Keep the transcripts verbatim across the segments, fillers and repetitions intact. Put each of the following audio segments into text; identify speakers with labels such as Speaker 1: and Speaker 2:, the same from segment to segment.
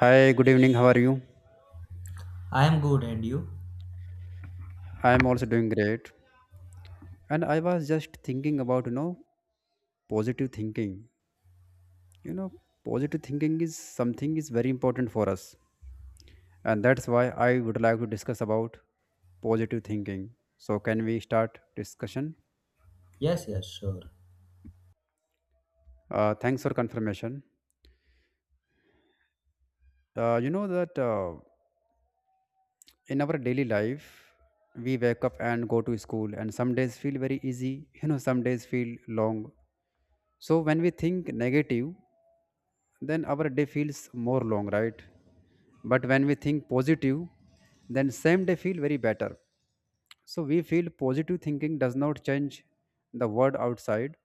Speaker 1: Hi, good evening. How are you?
Speaker 2: I am good, and you?
Speaker 1: I am also doing great. And I was just thinking about, you know, positive thinking. You know, positive thinking is something is very important for us. And that's why I would like to discuss about positive thinking. So can we start discussion?
Speaker 2: Yes, yes, sure.
Speaker 1: Uh, thanks for confirmation. Uh, you know that uh, in our daily life, we wake up and go to school, and some days feel very easy, you know, some days feel long. So when we think negative, then our day feels more long, right? But when we think positive, then same day feel very better. So we feel positive thinking does not change the world outside,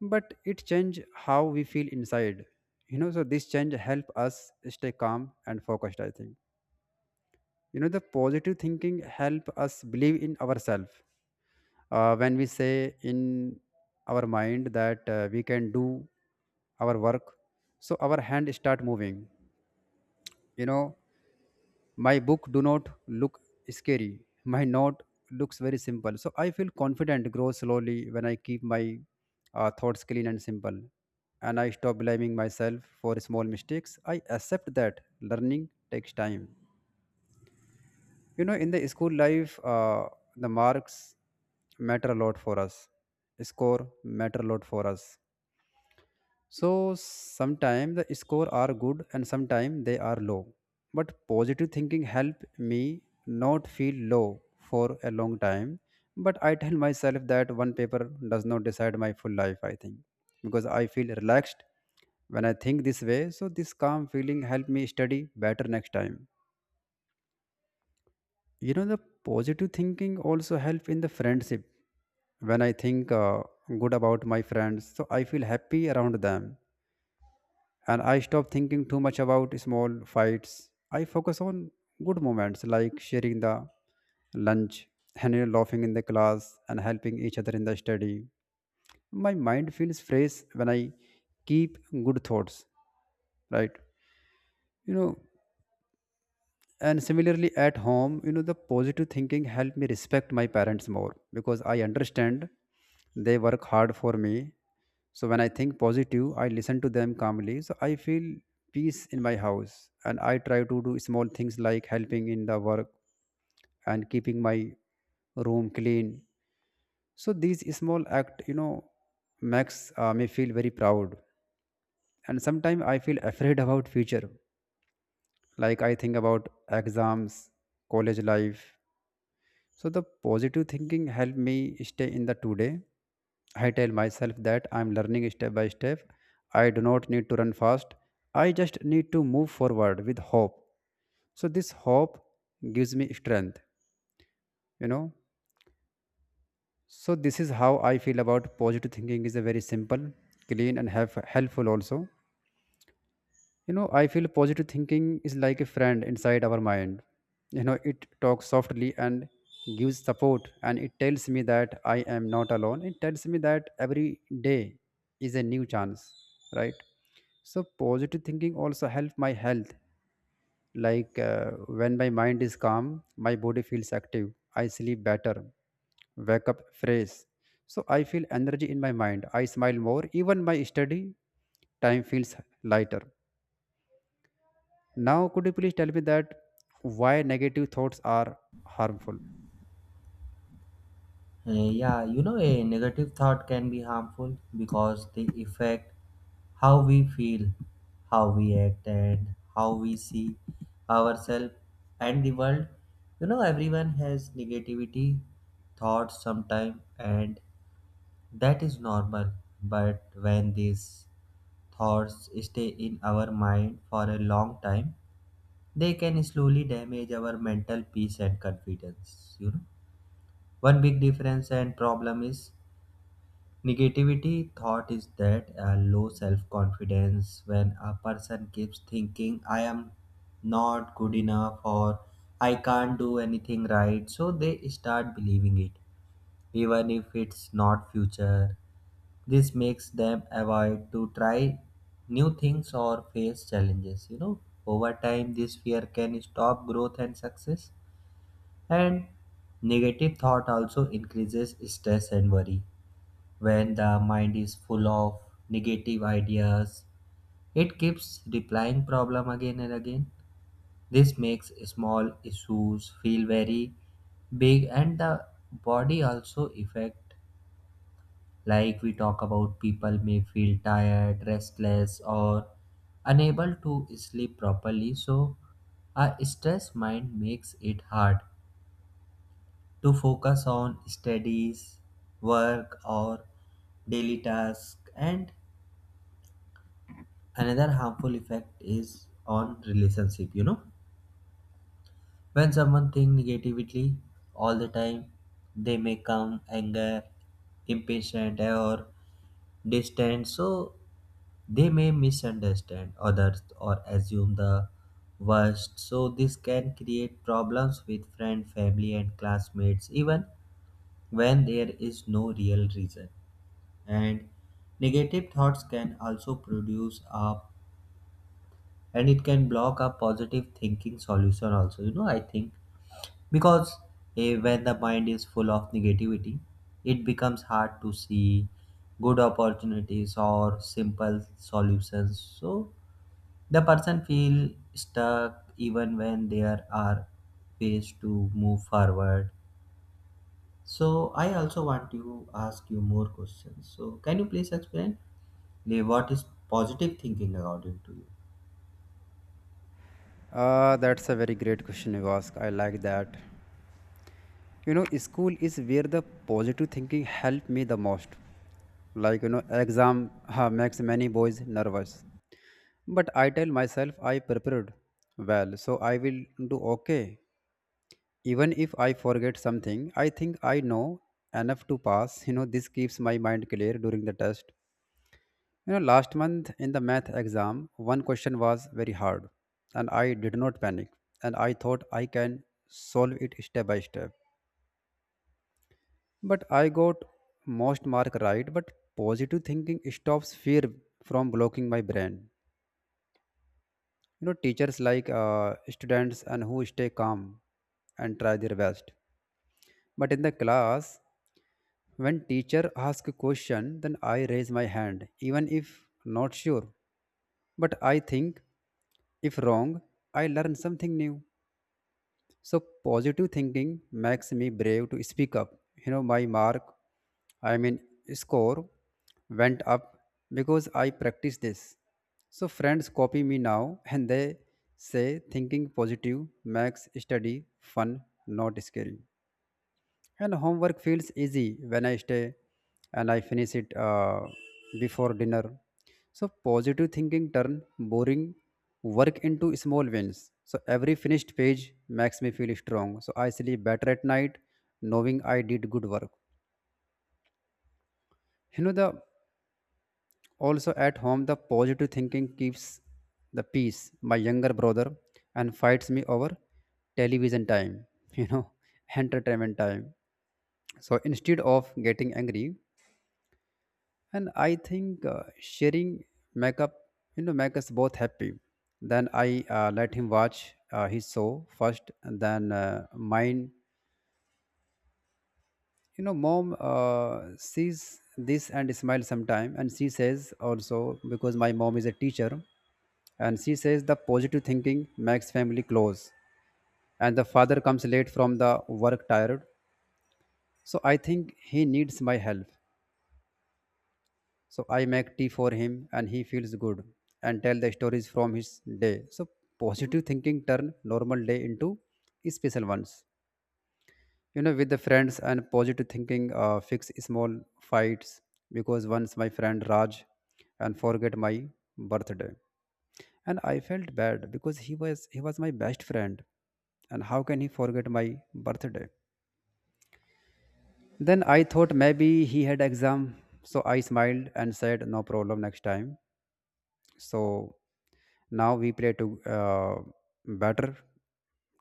Speaker 1: but it change how we feel inside. You know, so this change help us stay calm and focused. I think you know the positive thinking help us believe in ourselves. Uh, when we say in our mind that uh, we can do our work, so our hand start moving. you know my book do not look scary. My note looks very simple, so I feel confident grow slowly when I keep my uh, thoughts clean and simple. And I stop blaming myself for small mistakes. I accept that learning takes time. You know in the school life, uh, the marks matter a lot for us. Score matter a lot for us. So sometimes the score are good and sometimes they are low. But positive thinking help me not feel low for a long time. But I tell myself that one paper does not decide my full life, I think. Because I feel relaxed when I think this way. So this calm feeling help me study better next time. You know the positive thinking also help in the friendship. When I think uh, good about my friends, so I feel happy around them, and I stop thinking too much about small fights. I focus on good moments like sharing the lunch, and you know, laughing in the class, and helping each other in the study. My mind feels fresh when I keep good thoughts, right? You know, and similarly at home you know the positive thinking helped me respect my parents more, because I understand they work hard for me. So when I think positive, I listen to them calmly, so I feel peace in my house. And I try to do small things like helping in the work and keeping my room clean. So these small act you know makes uh, me feel very proud. And sometimes I feel afraid about future, like I think about exams, college life. So the positive thinking helped me stay in the today. I tell myself that I am learning step by step. I do not need to run fast. I just need to move forward with hope. So this hope gives me strength, you know. So this is how I feel about positive thinking is a very simple, clean and help- helpful also. You know, I feel positive thinking is like a friend inside our mind. You know, it talks softly and gives support, and it tells me that I am not alone. It tells me that every day is a new chance, right? So, positive thinking also helps my health. Like uh, when my mind is calm, my body feels active, I sleep better, wake up fresh. So, I feel energy in my mind, I smile more, even my study time feels lighter now. Could you please tell me that why negative thoughts are harmful?
Speaker 2: Uh, yeah, you know, a negative thought can be harmful because they affect how we feel, how we act, and how we see ourselves and the world. You know, everyone has negativity thoughts sometime, and that is normal. But when these thoughts stay in our mind for a long time, they can slowly damage our mental peace and confidence, you know. One big difference and problem is negativity thought is that a low self confidence when a person keeps thinking I am not good enough or I can't do anything right, so they start believing it even if it's not future. This makes them avoid to try new things or face challenges you know Over time this fear can stop growth and success, and negative thought also increases stress and worry. When the mind is full of negative ideas, it keeps replying problem again and again. This makes small issues feel very big, and the body also affect, like we talk about, people may feel tired, restless or unable to sleep properly. So a stressed mind makes it hard to focus on studies, work, or daily tasks. And another harmful effect is on relationship. You know, when someone think negatively all the time, they may come anger, impatient, or distant. So they may misunderstand others or assume the worst. So this can create problems with friend, family and classmates even when there is no real reason. And negative thoughts can also produce a, and it can block a positive thinking solution also you know I think because eh, when the mind is full of negativity, it becomes hard to see good opportunities or simple solutions, so the person feel stuck even when there are ways to move forward. So I also want to ask you more questions. So can you please explain eh, what is positive thinking according to you?
Speaker 1: Uh, that's a very great question you ask. I like that. You know, school is where the positive thinking helped me the most. Like, you know, exam uh, makes many boys nervous. But I tell myself I prepared well, so I will do okay. Even if I forget something, I think I know enough to pass. You know, this keeps my mind clear during the test. You know, last month in the math exam, one question was very hard, and I did not panic, and I thought I can solve it step by step. But I got most mark right, but positive thinking stops fear from blocking my brain. You know, teachers like uh, students and who stay calm and try their best. But in the class, when teacher ask a question, then I raise my hand, even if not sure. But I think if wrong, I learn something new. So positive thinking makes me brave to speak up. You know, my mark, I mean, score went up because I practiced this. So friends copy me now, and they say thinking positive makes study fun, not scary. And homework feels easy when I stay and I finish it uh, before dinner. So positive thinking turn boring work into small wins. So every finished page makes me feel strong. So I sleep better at night knowing I did good work. You know the also at home the positive thinking keeps the peace. My younger brother and fights me over television time, you know, entertainment time. So instead of getting angry, and I think uh, sharing makeup you know make us both happy. Then I uh, let him watch uh, his show first, and then uh, mine. You know mom uh, sees this and smiles sometime, and she says also because my mom is a teacher, and she says the positive thinking makes family close. And the father comes late from the work tired, so I think he needs my help. So I make tea for him, and he feels good and tell the stories from his day. So positive thinking turn normal day into special ones. You know, with the friends and positive thinking uh, fix small fights, because once my friend Raj and forget my birthday, and I felt bad because he was he was my best friend, and how can he forget my birthday? Then I thought maybe he had exam, so I smiled and said no problem next time. So now we pray to uh, better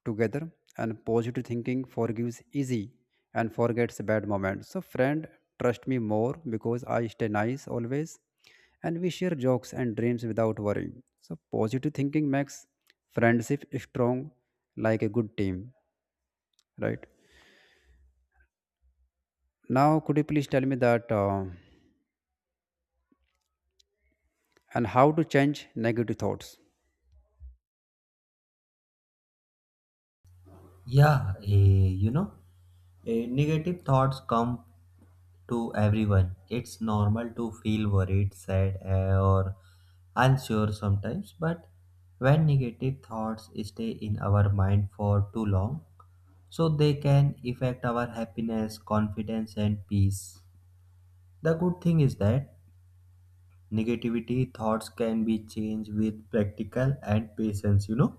Speaker 1: together, and positive thinking forgives easy and forgets bad moments. So friend trust me more because I stay nice always, and we share jokes and dreams without worrying. So positive thinking makes friendship strong, like a good team, right? Now, could you please tell me that uh, and how to change negative thoughts?
Speaker 2: Yeah, eh, you know, eh, negative thoughts come to everyone. It's normal to feel worried, sad, eh, or unsure sometimes, but when negative thoughts stay in our mind for too long, so they can affect our happiness, confidence, and peace. The good thing is that negativity thoughts can be changed with practical and patience you know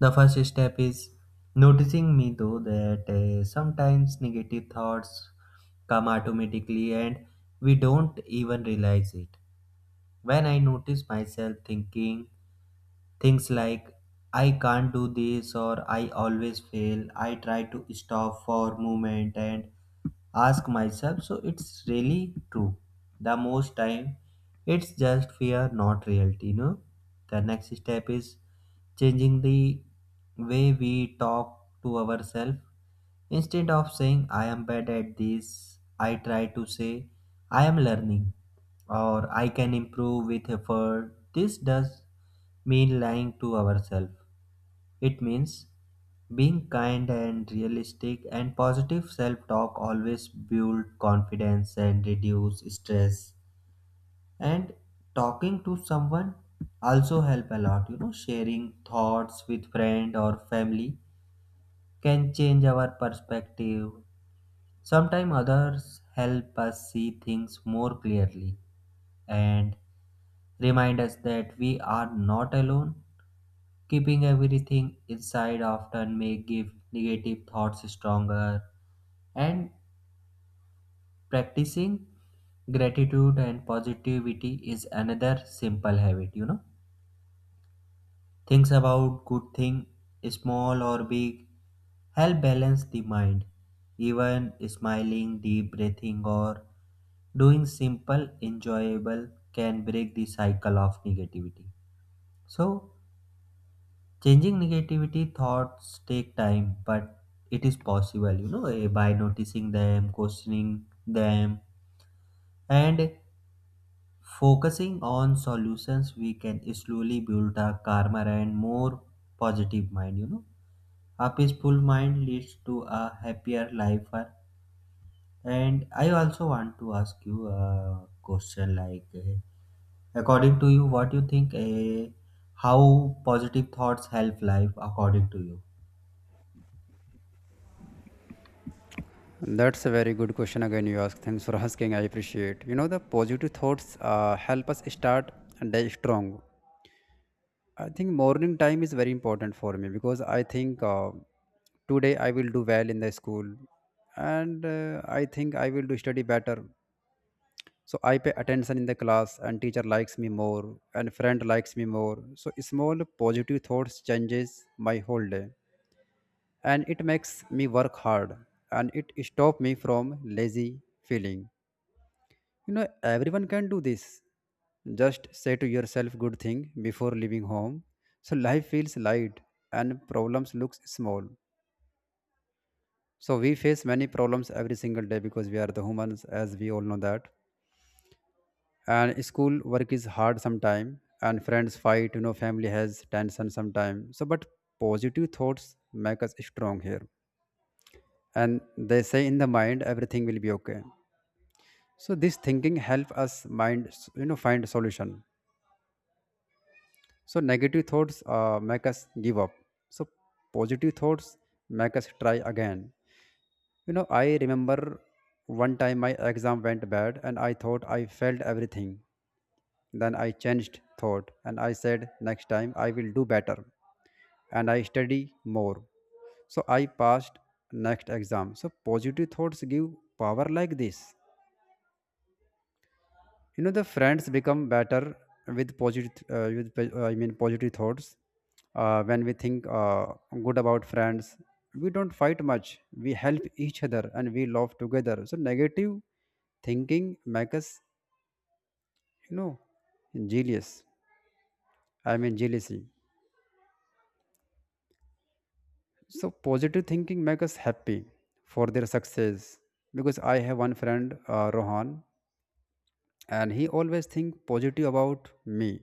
Speaker 2: The first step is noticing me though that uh, sometimes negative thoughts come automatically and we don't even realize it. When I notice myself thinking things like, I can't do this or I always fail, I try to stop for a moment and ask myself. So it's really true. The most time, it's just fear, not reality. You know, the next step is changing the way we talk to ourselves. Instead of saying I am bad at this, I try to say I am learning or I can improve with effort. This does mean lying to ourselves. It means being kind and realistic, and positive self-talk always build confidence and reduce stress, and talking to someone also help a lot. you know sharing thoughts with friend or family can change our perspective. Sometimes others help us see things more clearly and remind us that we are not alone. Keeping everything inside often may give negative thoughts stronger, and practicing gratitude and positivity is another simple habit. You know, things about good thing, small or big, help balance the mind. Even smiling, deep breathing, or doing simple, enjoyable can break the cycle of negativity. So, changing negativity thoughts take time, but it is possible, you know, eh, by noticing them, questioning them, and focusing on solutions, we can slowly build a calmer and more positive mind, you know. A peaceful mind leads to a happier life. uh, And I also want to ask you a question like, eh, according to you, what you think? Eh, how positive thoughts help life? According to you?
Speaker 1: That's a very good question again you ask. Thanks for asking. I appreciate. You know the positive thoughts uh, help us start a day strong. I think morning time is very important for me, because I think uh, today I will do well in the school, and uh, I think I will do study better. So I pay attention in the class, and teacher likes me more, and friend likes me more. So small positive thoughts changes my whole day, and it makes me work hard, and it stop me from lazy feeling. You know, everyone can do this. Just say to yourself good thing before leaving home. So life feels light, and problems looks small. So we face many problems every single day because we are the humans as we all know that. And school work is hard sometime, and friends fight, you know, family has tension sometime. So but positive thoughts make us strong here. And they say in the mind everything will be okay. So this thinking help us mind you know find solution. So negative thoughts uh, make us give up. So positive thoughts make us try again. You know, I remember one time my exam went bad, and I thought I failed everything. Then I changed thought, and I said next time I will do better, and I study more. So I passed next exam. So positive thoughts give power like this. you know the friends become better with positive uh, with po- uh, I mean positive thoughts. Uh, when we think uh, good about friends, we don't fight much, we help each other, and we love together. So negative thinking makes us you know jealous. I mean, jealousy. So positive thinking makes us happy for their success, because I have one friend uh, Rohan, and he always think positive about me.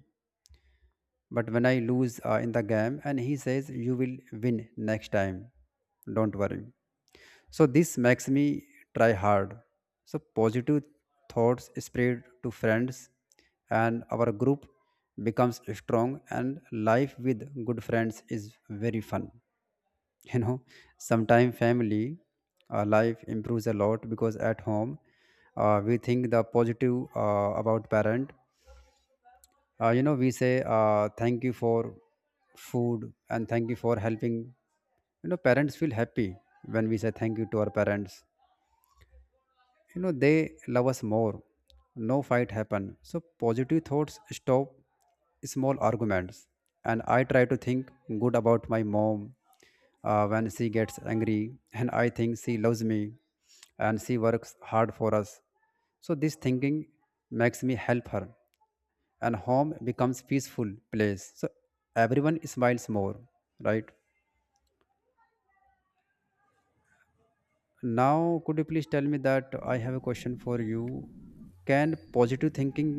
Speaker 1: But when I lose uh, in the game, and he says, "You will win next time. Don't worry." So this makes me try hard. So positive thoughts spread to friends, and our group becomes strong, and life with good friends is very fun. You know, sometimes family uh, life improves a lot because at home uh, we think the positive uh, about parent uh, you know we say uh, thank you for food and thank you for helping, you know, parents feel happy when we say thank you to our parents, you know, they love us more. No fight happen, so positive thoughts stop small arguments. And I try to think good about my mom uh, when she gets angry, and I think she loves me and she works hard for us. So this thinking makes me help her, and home becomes peaceful place, so everyone smiles more. Right now, could you please tell me that I have a question for you? Can positive thinking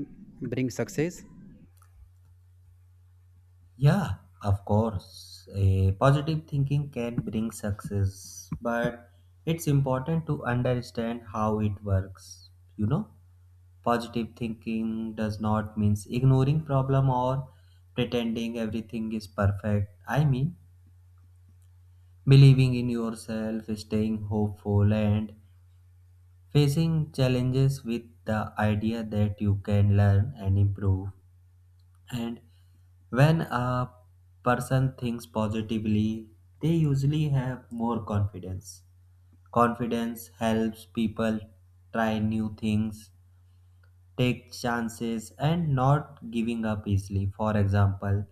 Speaker 1: bring success?
Speaker 2: Yeah, of course. A positive thinking can bring success, but it's important to understand how it works. You know, positive thinking does not mean ignoring problem or pretending everything is perfect. I mean, believing in yourself, staying hopeful and facing challenges with the idea that you can learn and improve. And when a person thinks positively, they usually have more confidence. Confidence helps people try new things, take chances and not giving up easily. For example,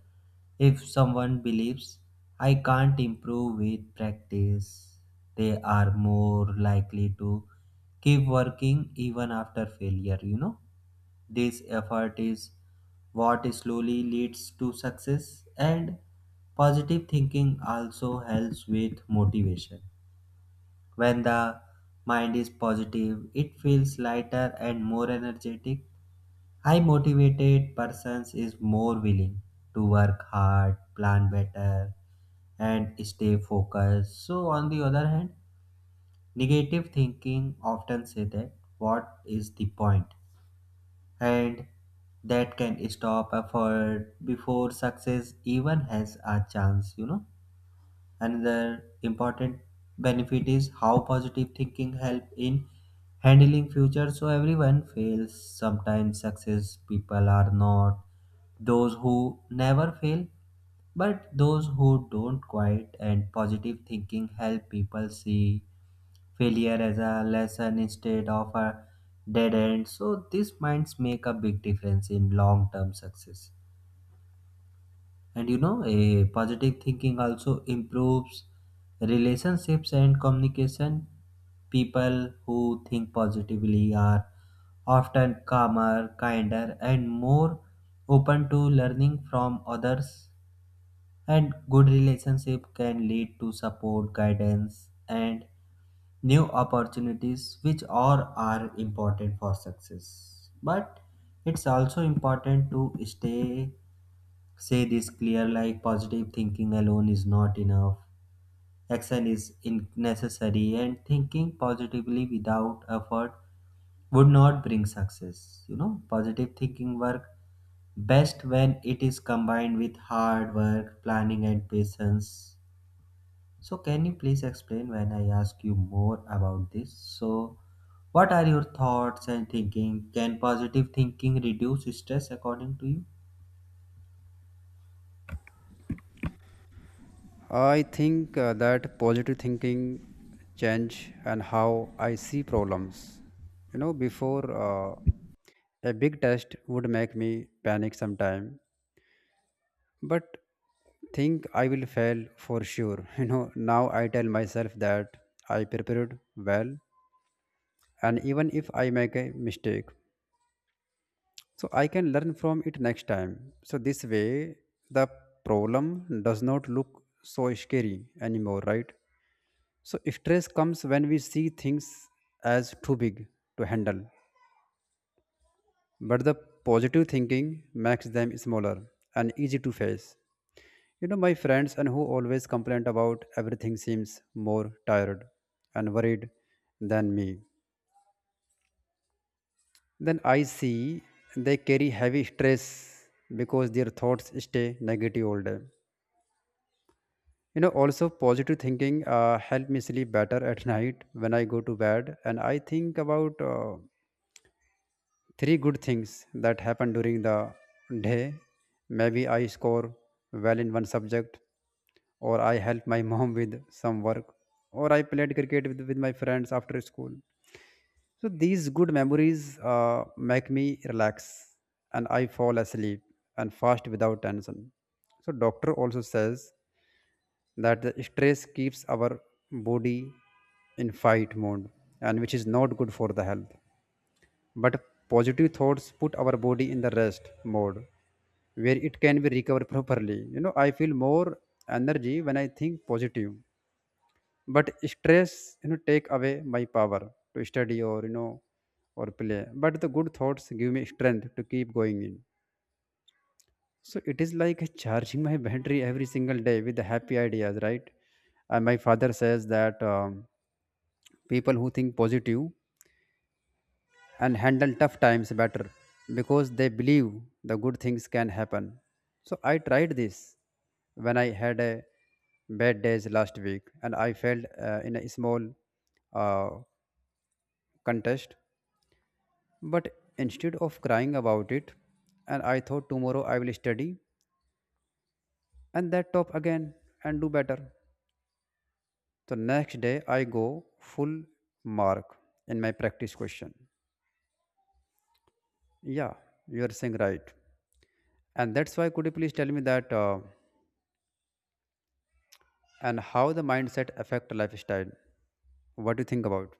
Speaker 2: if someone believes I can't improve with practice, they are more likely to keep working even after failure, you know. This effort is what slowly leads to success, and positive thinking also helps with motivation. When the mind is positive, it feels lighter and more energetic. High motivated persons is more willing to work hard, plan better, and stay focused. So on the other hand, negative thinking often say that what is the point? And that can stop effort before success even has a chance, you know. Another important benefit is how positive thinking help in handling future. So everyone fails sometimes. Success people are not those who never fail, but those who don't quit, and positive thinking help people see failure as a lesson instead of a dead end. So these minds make a big difference in long term success. And you know, a positive thinking also improves relationships and communication. People who think positively are often calmer, kinder, and more open to learning from others. And good relationship can lead to support, guidance, and new opportunities which all are important for success, but it's also important to stay say this clear, like positive thinking alone is not enough. Action is in- necessary, and thinking positively without effort would not bring success. You know positive thinking work best when it is combined with hard work, planning and patience. So, can you please explain when I ask you more about this? So, what are your thoughts and thinking? Can positive thinking reduce stress according to you?
Speaker 1: I think uh, that positive thinking change and how I see problems. You know, before uh, a big test would make me panic sometime, but think I will fail for sure. You know, now I tell myself that I prepared well, and even if I make a mistake, so I can learn from it next time. So this way, the problem does not look so scary anymore, right? So stress comes when we see things as too big to handle. But the positive thinking makes them smaller and easy to face. You know, my friends and who always complain about everything seems more tired and worried than me. Then I see they carry heavy stress because their thoughts stay negative all day. You know, also positive thinking uh, help me sleep better at night. When I go to bed, and I think about uh, three good things that happen during the day. Maybe I score well in one subject, or I help my mom with some work, or I played cricket with, with my friends after school. So these good memories uh, make me relax, and I fall asleep and fast without tension. So doctor also says that the stress keeps our body in fight mode, and which is not good for the health. But positive thoughts put our body in the rest mode where it can be recovered properly. You know, I feel more energy when I think positive. But stress, you know, take away my power to study or, you know, or play. But the good thoughts give me strength to keep going in. So it is like charging my battery every single day with the happy ideas, right? And my father says that um, people who think positive and handle tough times better because they believe the good things can happen. So I tried this when I had a bad days last week, and I failed uh, in a small uh, contest. But instead of crying about it, and I thought tomorrow I will study and that top again and do better. So next day I go full mark in my practice question. Yeah, you are saying right. And that's why could you please tell me that? Uh, and how the mindset affect lifestyle, what do you think about?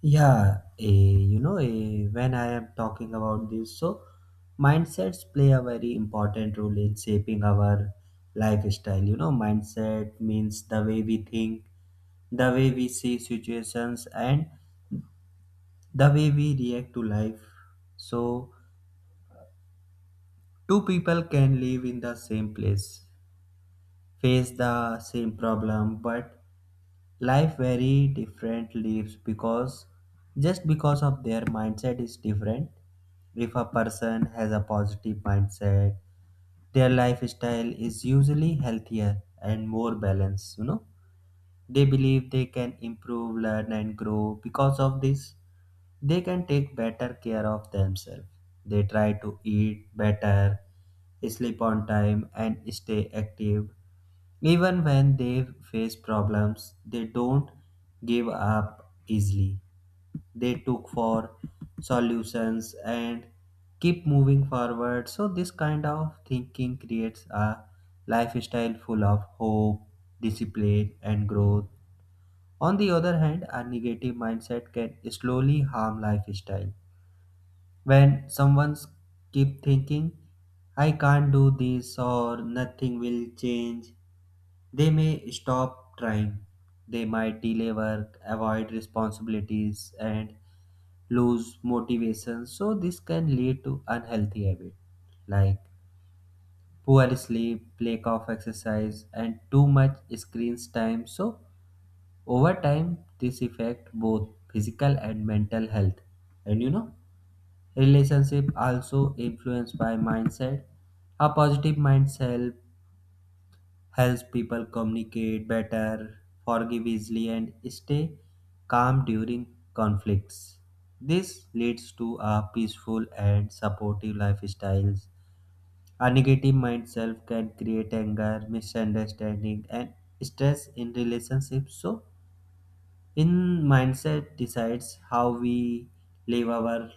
Speaker 2: Yeah, eh, you know, eh, when I am talking about this, so mindsets play a very important role in shaping our lifestyle. You know, mindset means the way we think, the way we see situations, and the way we react to life. So, two people can live in the same place, face the same problem, but life very different lives because just because of their mindset is different. If a person has a positive mindset, their lifestyle is usually healthier and more balanced you know They believe they can improve, learn, and grow. Because of this, they can take better care of themselves. They try to eat better, sleep on time, and stay active. Even when they face problems, they don't give up easily. They look for solutions and keep moving forward. So, this kind of thinking creates a lifestyle full of hope, discipline, and growth. On the other hand, a negative mindset can slowly harm lifestyle. When someone keep thinking, I can't do this or nothing will change, they may stop trying. They might delay work, avoid responsibilities, and lose motivation. So, this can lead to unhealthy habits like poor sleep, lack of exercise, and too much screen time. So, over time, this affects both physical and mental health. And you know, relationship also influenced by mindset. A positive mindset helps people communicate better, forgive easily, and stay calm during conflicts. This leads to a peaceful and supportive lifestyles. A negative mindset can create anger, misunderstanding, and stress in relationships. So in mindset decides how we live our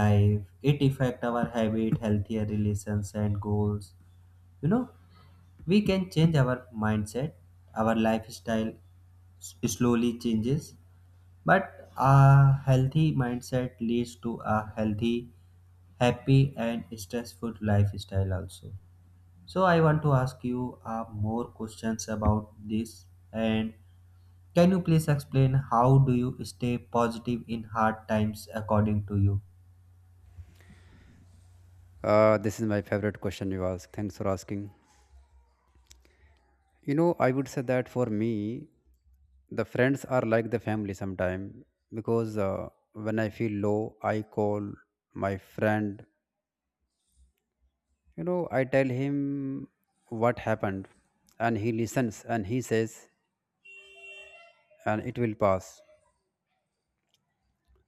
Speaker 2: life. It affect our habit, healthier relations and goals. you know we can change our mindset. Our lifestyle s- slowly changes, but a healthy mindset leads to a healthy, happy and stressful lifestyle also. So I want to ask you uh, more questions about this, and can you please explain how do you stay positive in hard times according to you?
Speaker 1: Uh, this is my favorite question you ask, thanks for asking. You know, I would say that for me the friends are like the family sometime, because uh, when I feel low I call my friend. You know, I tell him what happened, and he listens, and he says and it will pass.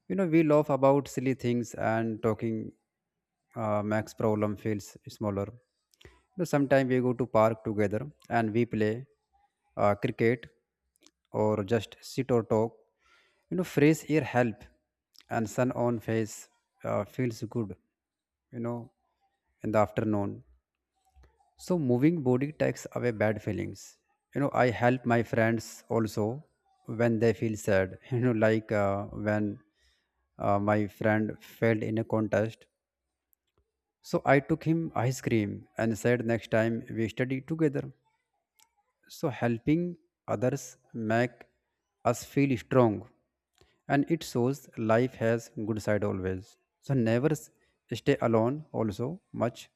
Speaker 1: You know, we laugh about silly things, and talking uh, makes problem feels smaller. You know, sometimes we go to park together and we play uh, cricket or just sit or talk. You know, fresh air help, and sun on face uh, feels good, you know, in the afternoon. So moving body takes away bad feelings. You know, I help my friends also when they feel sad. You know, like, uh, when uh, my friend failed in a contest. So I took him ice cream and said next time we study together. So helping others make us feel strong, and it shows life has good side always. So never s- stay alone also much,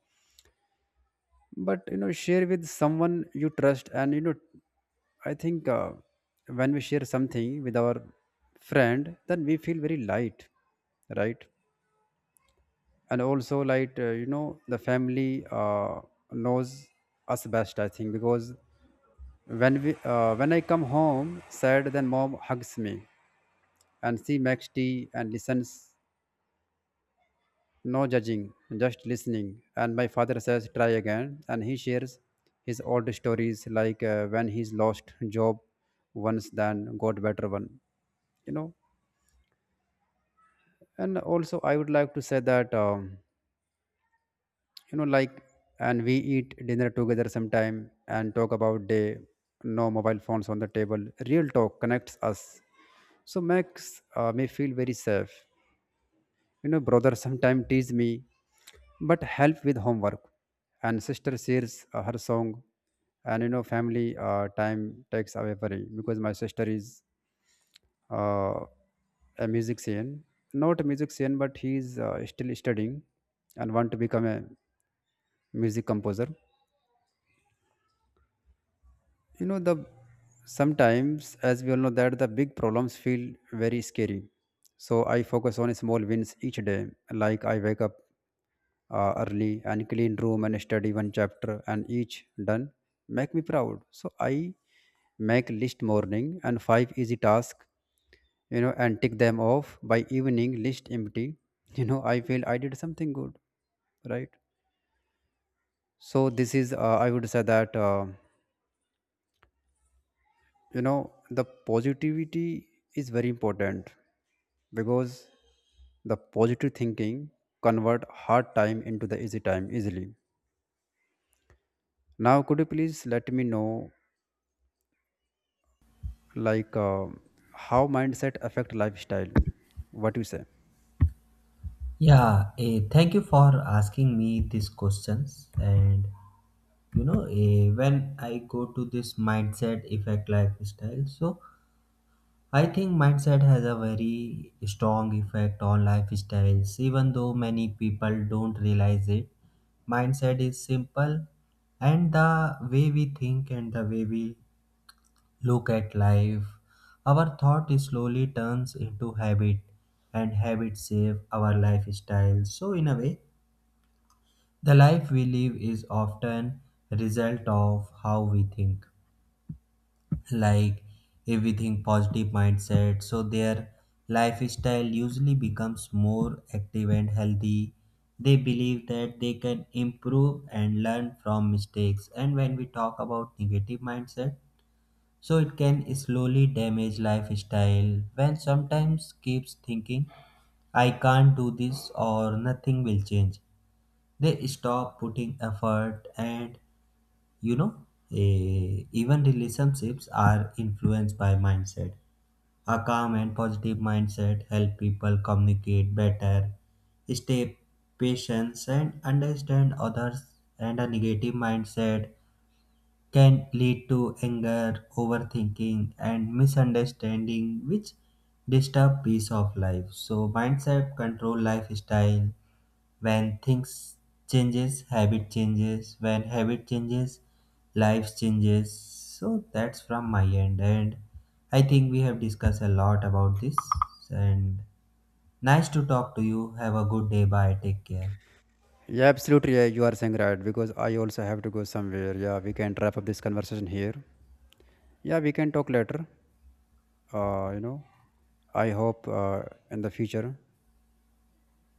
Speaker 1: but you know, share with someone you trust. And you know, I think uh, when we share something with our friend then we feel very light, right? And also like, uh, you know, the family uh, knows us best, I think, because when we uh, when I come home sad, then mom hugs me, and she makes tea and listens. No judging, just listening. And my father says, try again. And he shares his old stories like uh, when he's lost job once, then got better one. You know, and also I would like to say that, um, you know, like, and we eat dinner together sometime and talk about day, no mobile phones on the table. Real talk connects us. So makes uh, me feel very safe. You know, brother sometimes tease me but help with homework, and sister shares uh, her song. And you know, family uh, time takes away worry, because my sister is uh, a musician, not a musician, but he is uh, still studying and want to become a music composer. You know, the sometimes, as we all know that the big problems feel very scary, so I focus on small wins each day. Like I wake up uh, early and clean room and study one chapter, and each done make me proud. So I make list morning and five easy task, you know, and tick them off by evening list empty. You know, I feel I did something good, right? So this is, uh, I would say that, uh, you know, the positivity is very important, because the positive thinking convert hard time into the easy time easily. Now could you please let me know, like, uh, how mindset affect lifestyle, what you say?
Speaker 2: Yeah, eh, thank you for asking me these questions. And you know, eh, when I go to this mindset effect lifestyle, so I think mindset has a very strong effect on lifestyles, even though many people don't realize it. Mindset is simple, and the way we think and the way we look at life, our thought slowly turns into habit, and habits shape our lifestyle. So, in a way, the life we live is often a result of how we think. Like if we think positive mindset, so their lifestyle usually becomes more active and healthy. They believe that they can improve and learn from mistakes. And when we talk about negative mindset, so it can slowly damage lifestyle when sometimes keeps thinking I can't do this or nothing will change, they stop putting effort. And you know eh, even relationships are influenced by mindset. A calm and positive mindset help people communicate better, stay patient and understand others, and a negative mindset can lead to anger, overthinking, and misunderstanding, which disturb peace of life. So mindset control lifestyle. When things changes, habit changes. When habit changes, life changes. So that's from my end, and I think we have discussed a lot about this. And nice to talk to you. Have a good day. Bye. Take care.
Speaker 1: Yeah, absolutely. Yeah, you are saying right, because I also have to go somewhere. Yeah, we can wrap up this conversation here. Yeah, we can talk later. Uh, you know, I hope uh, in the future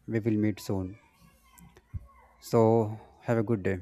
Speaker 1: we will meet soon. So have a good day.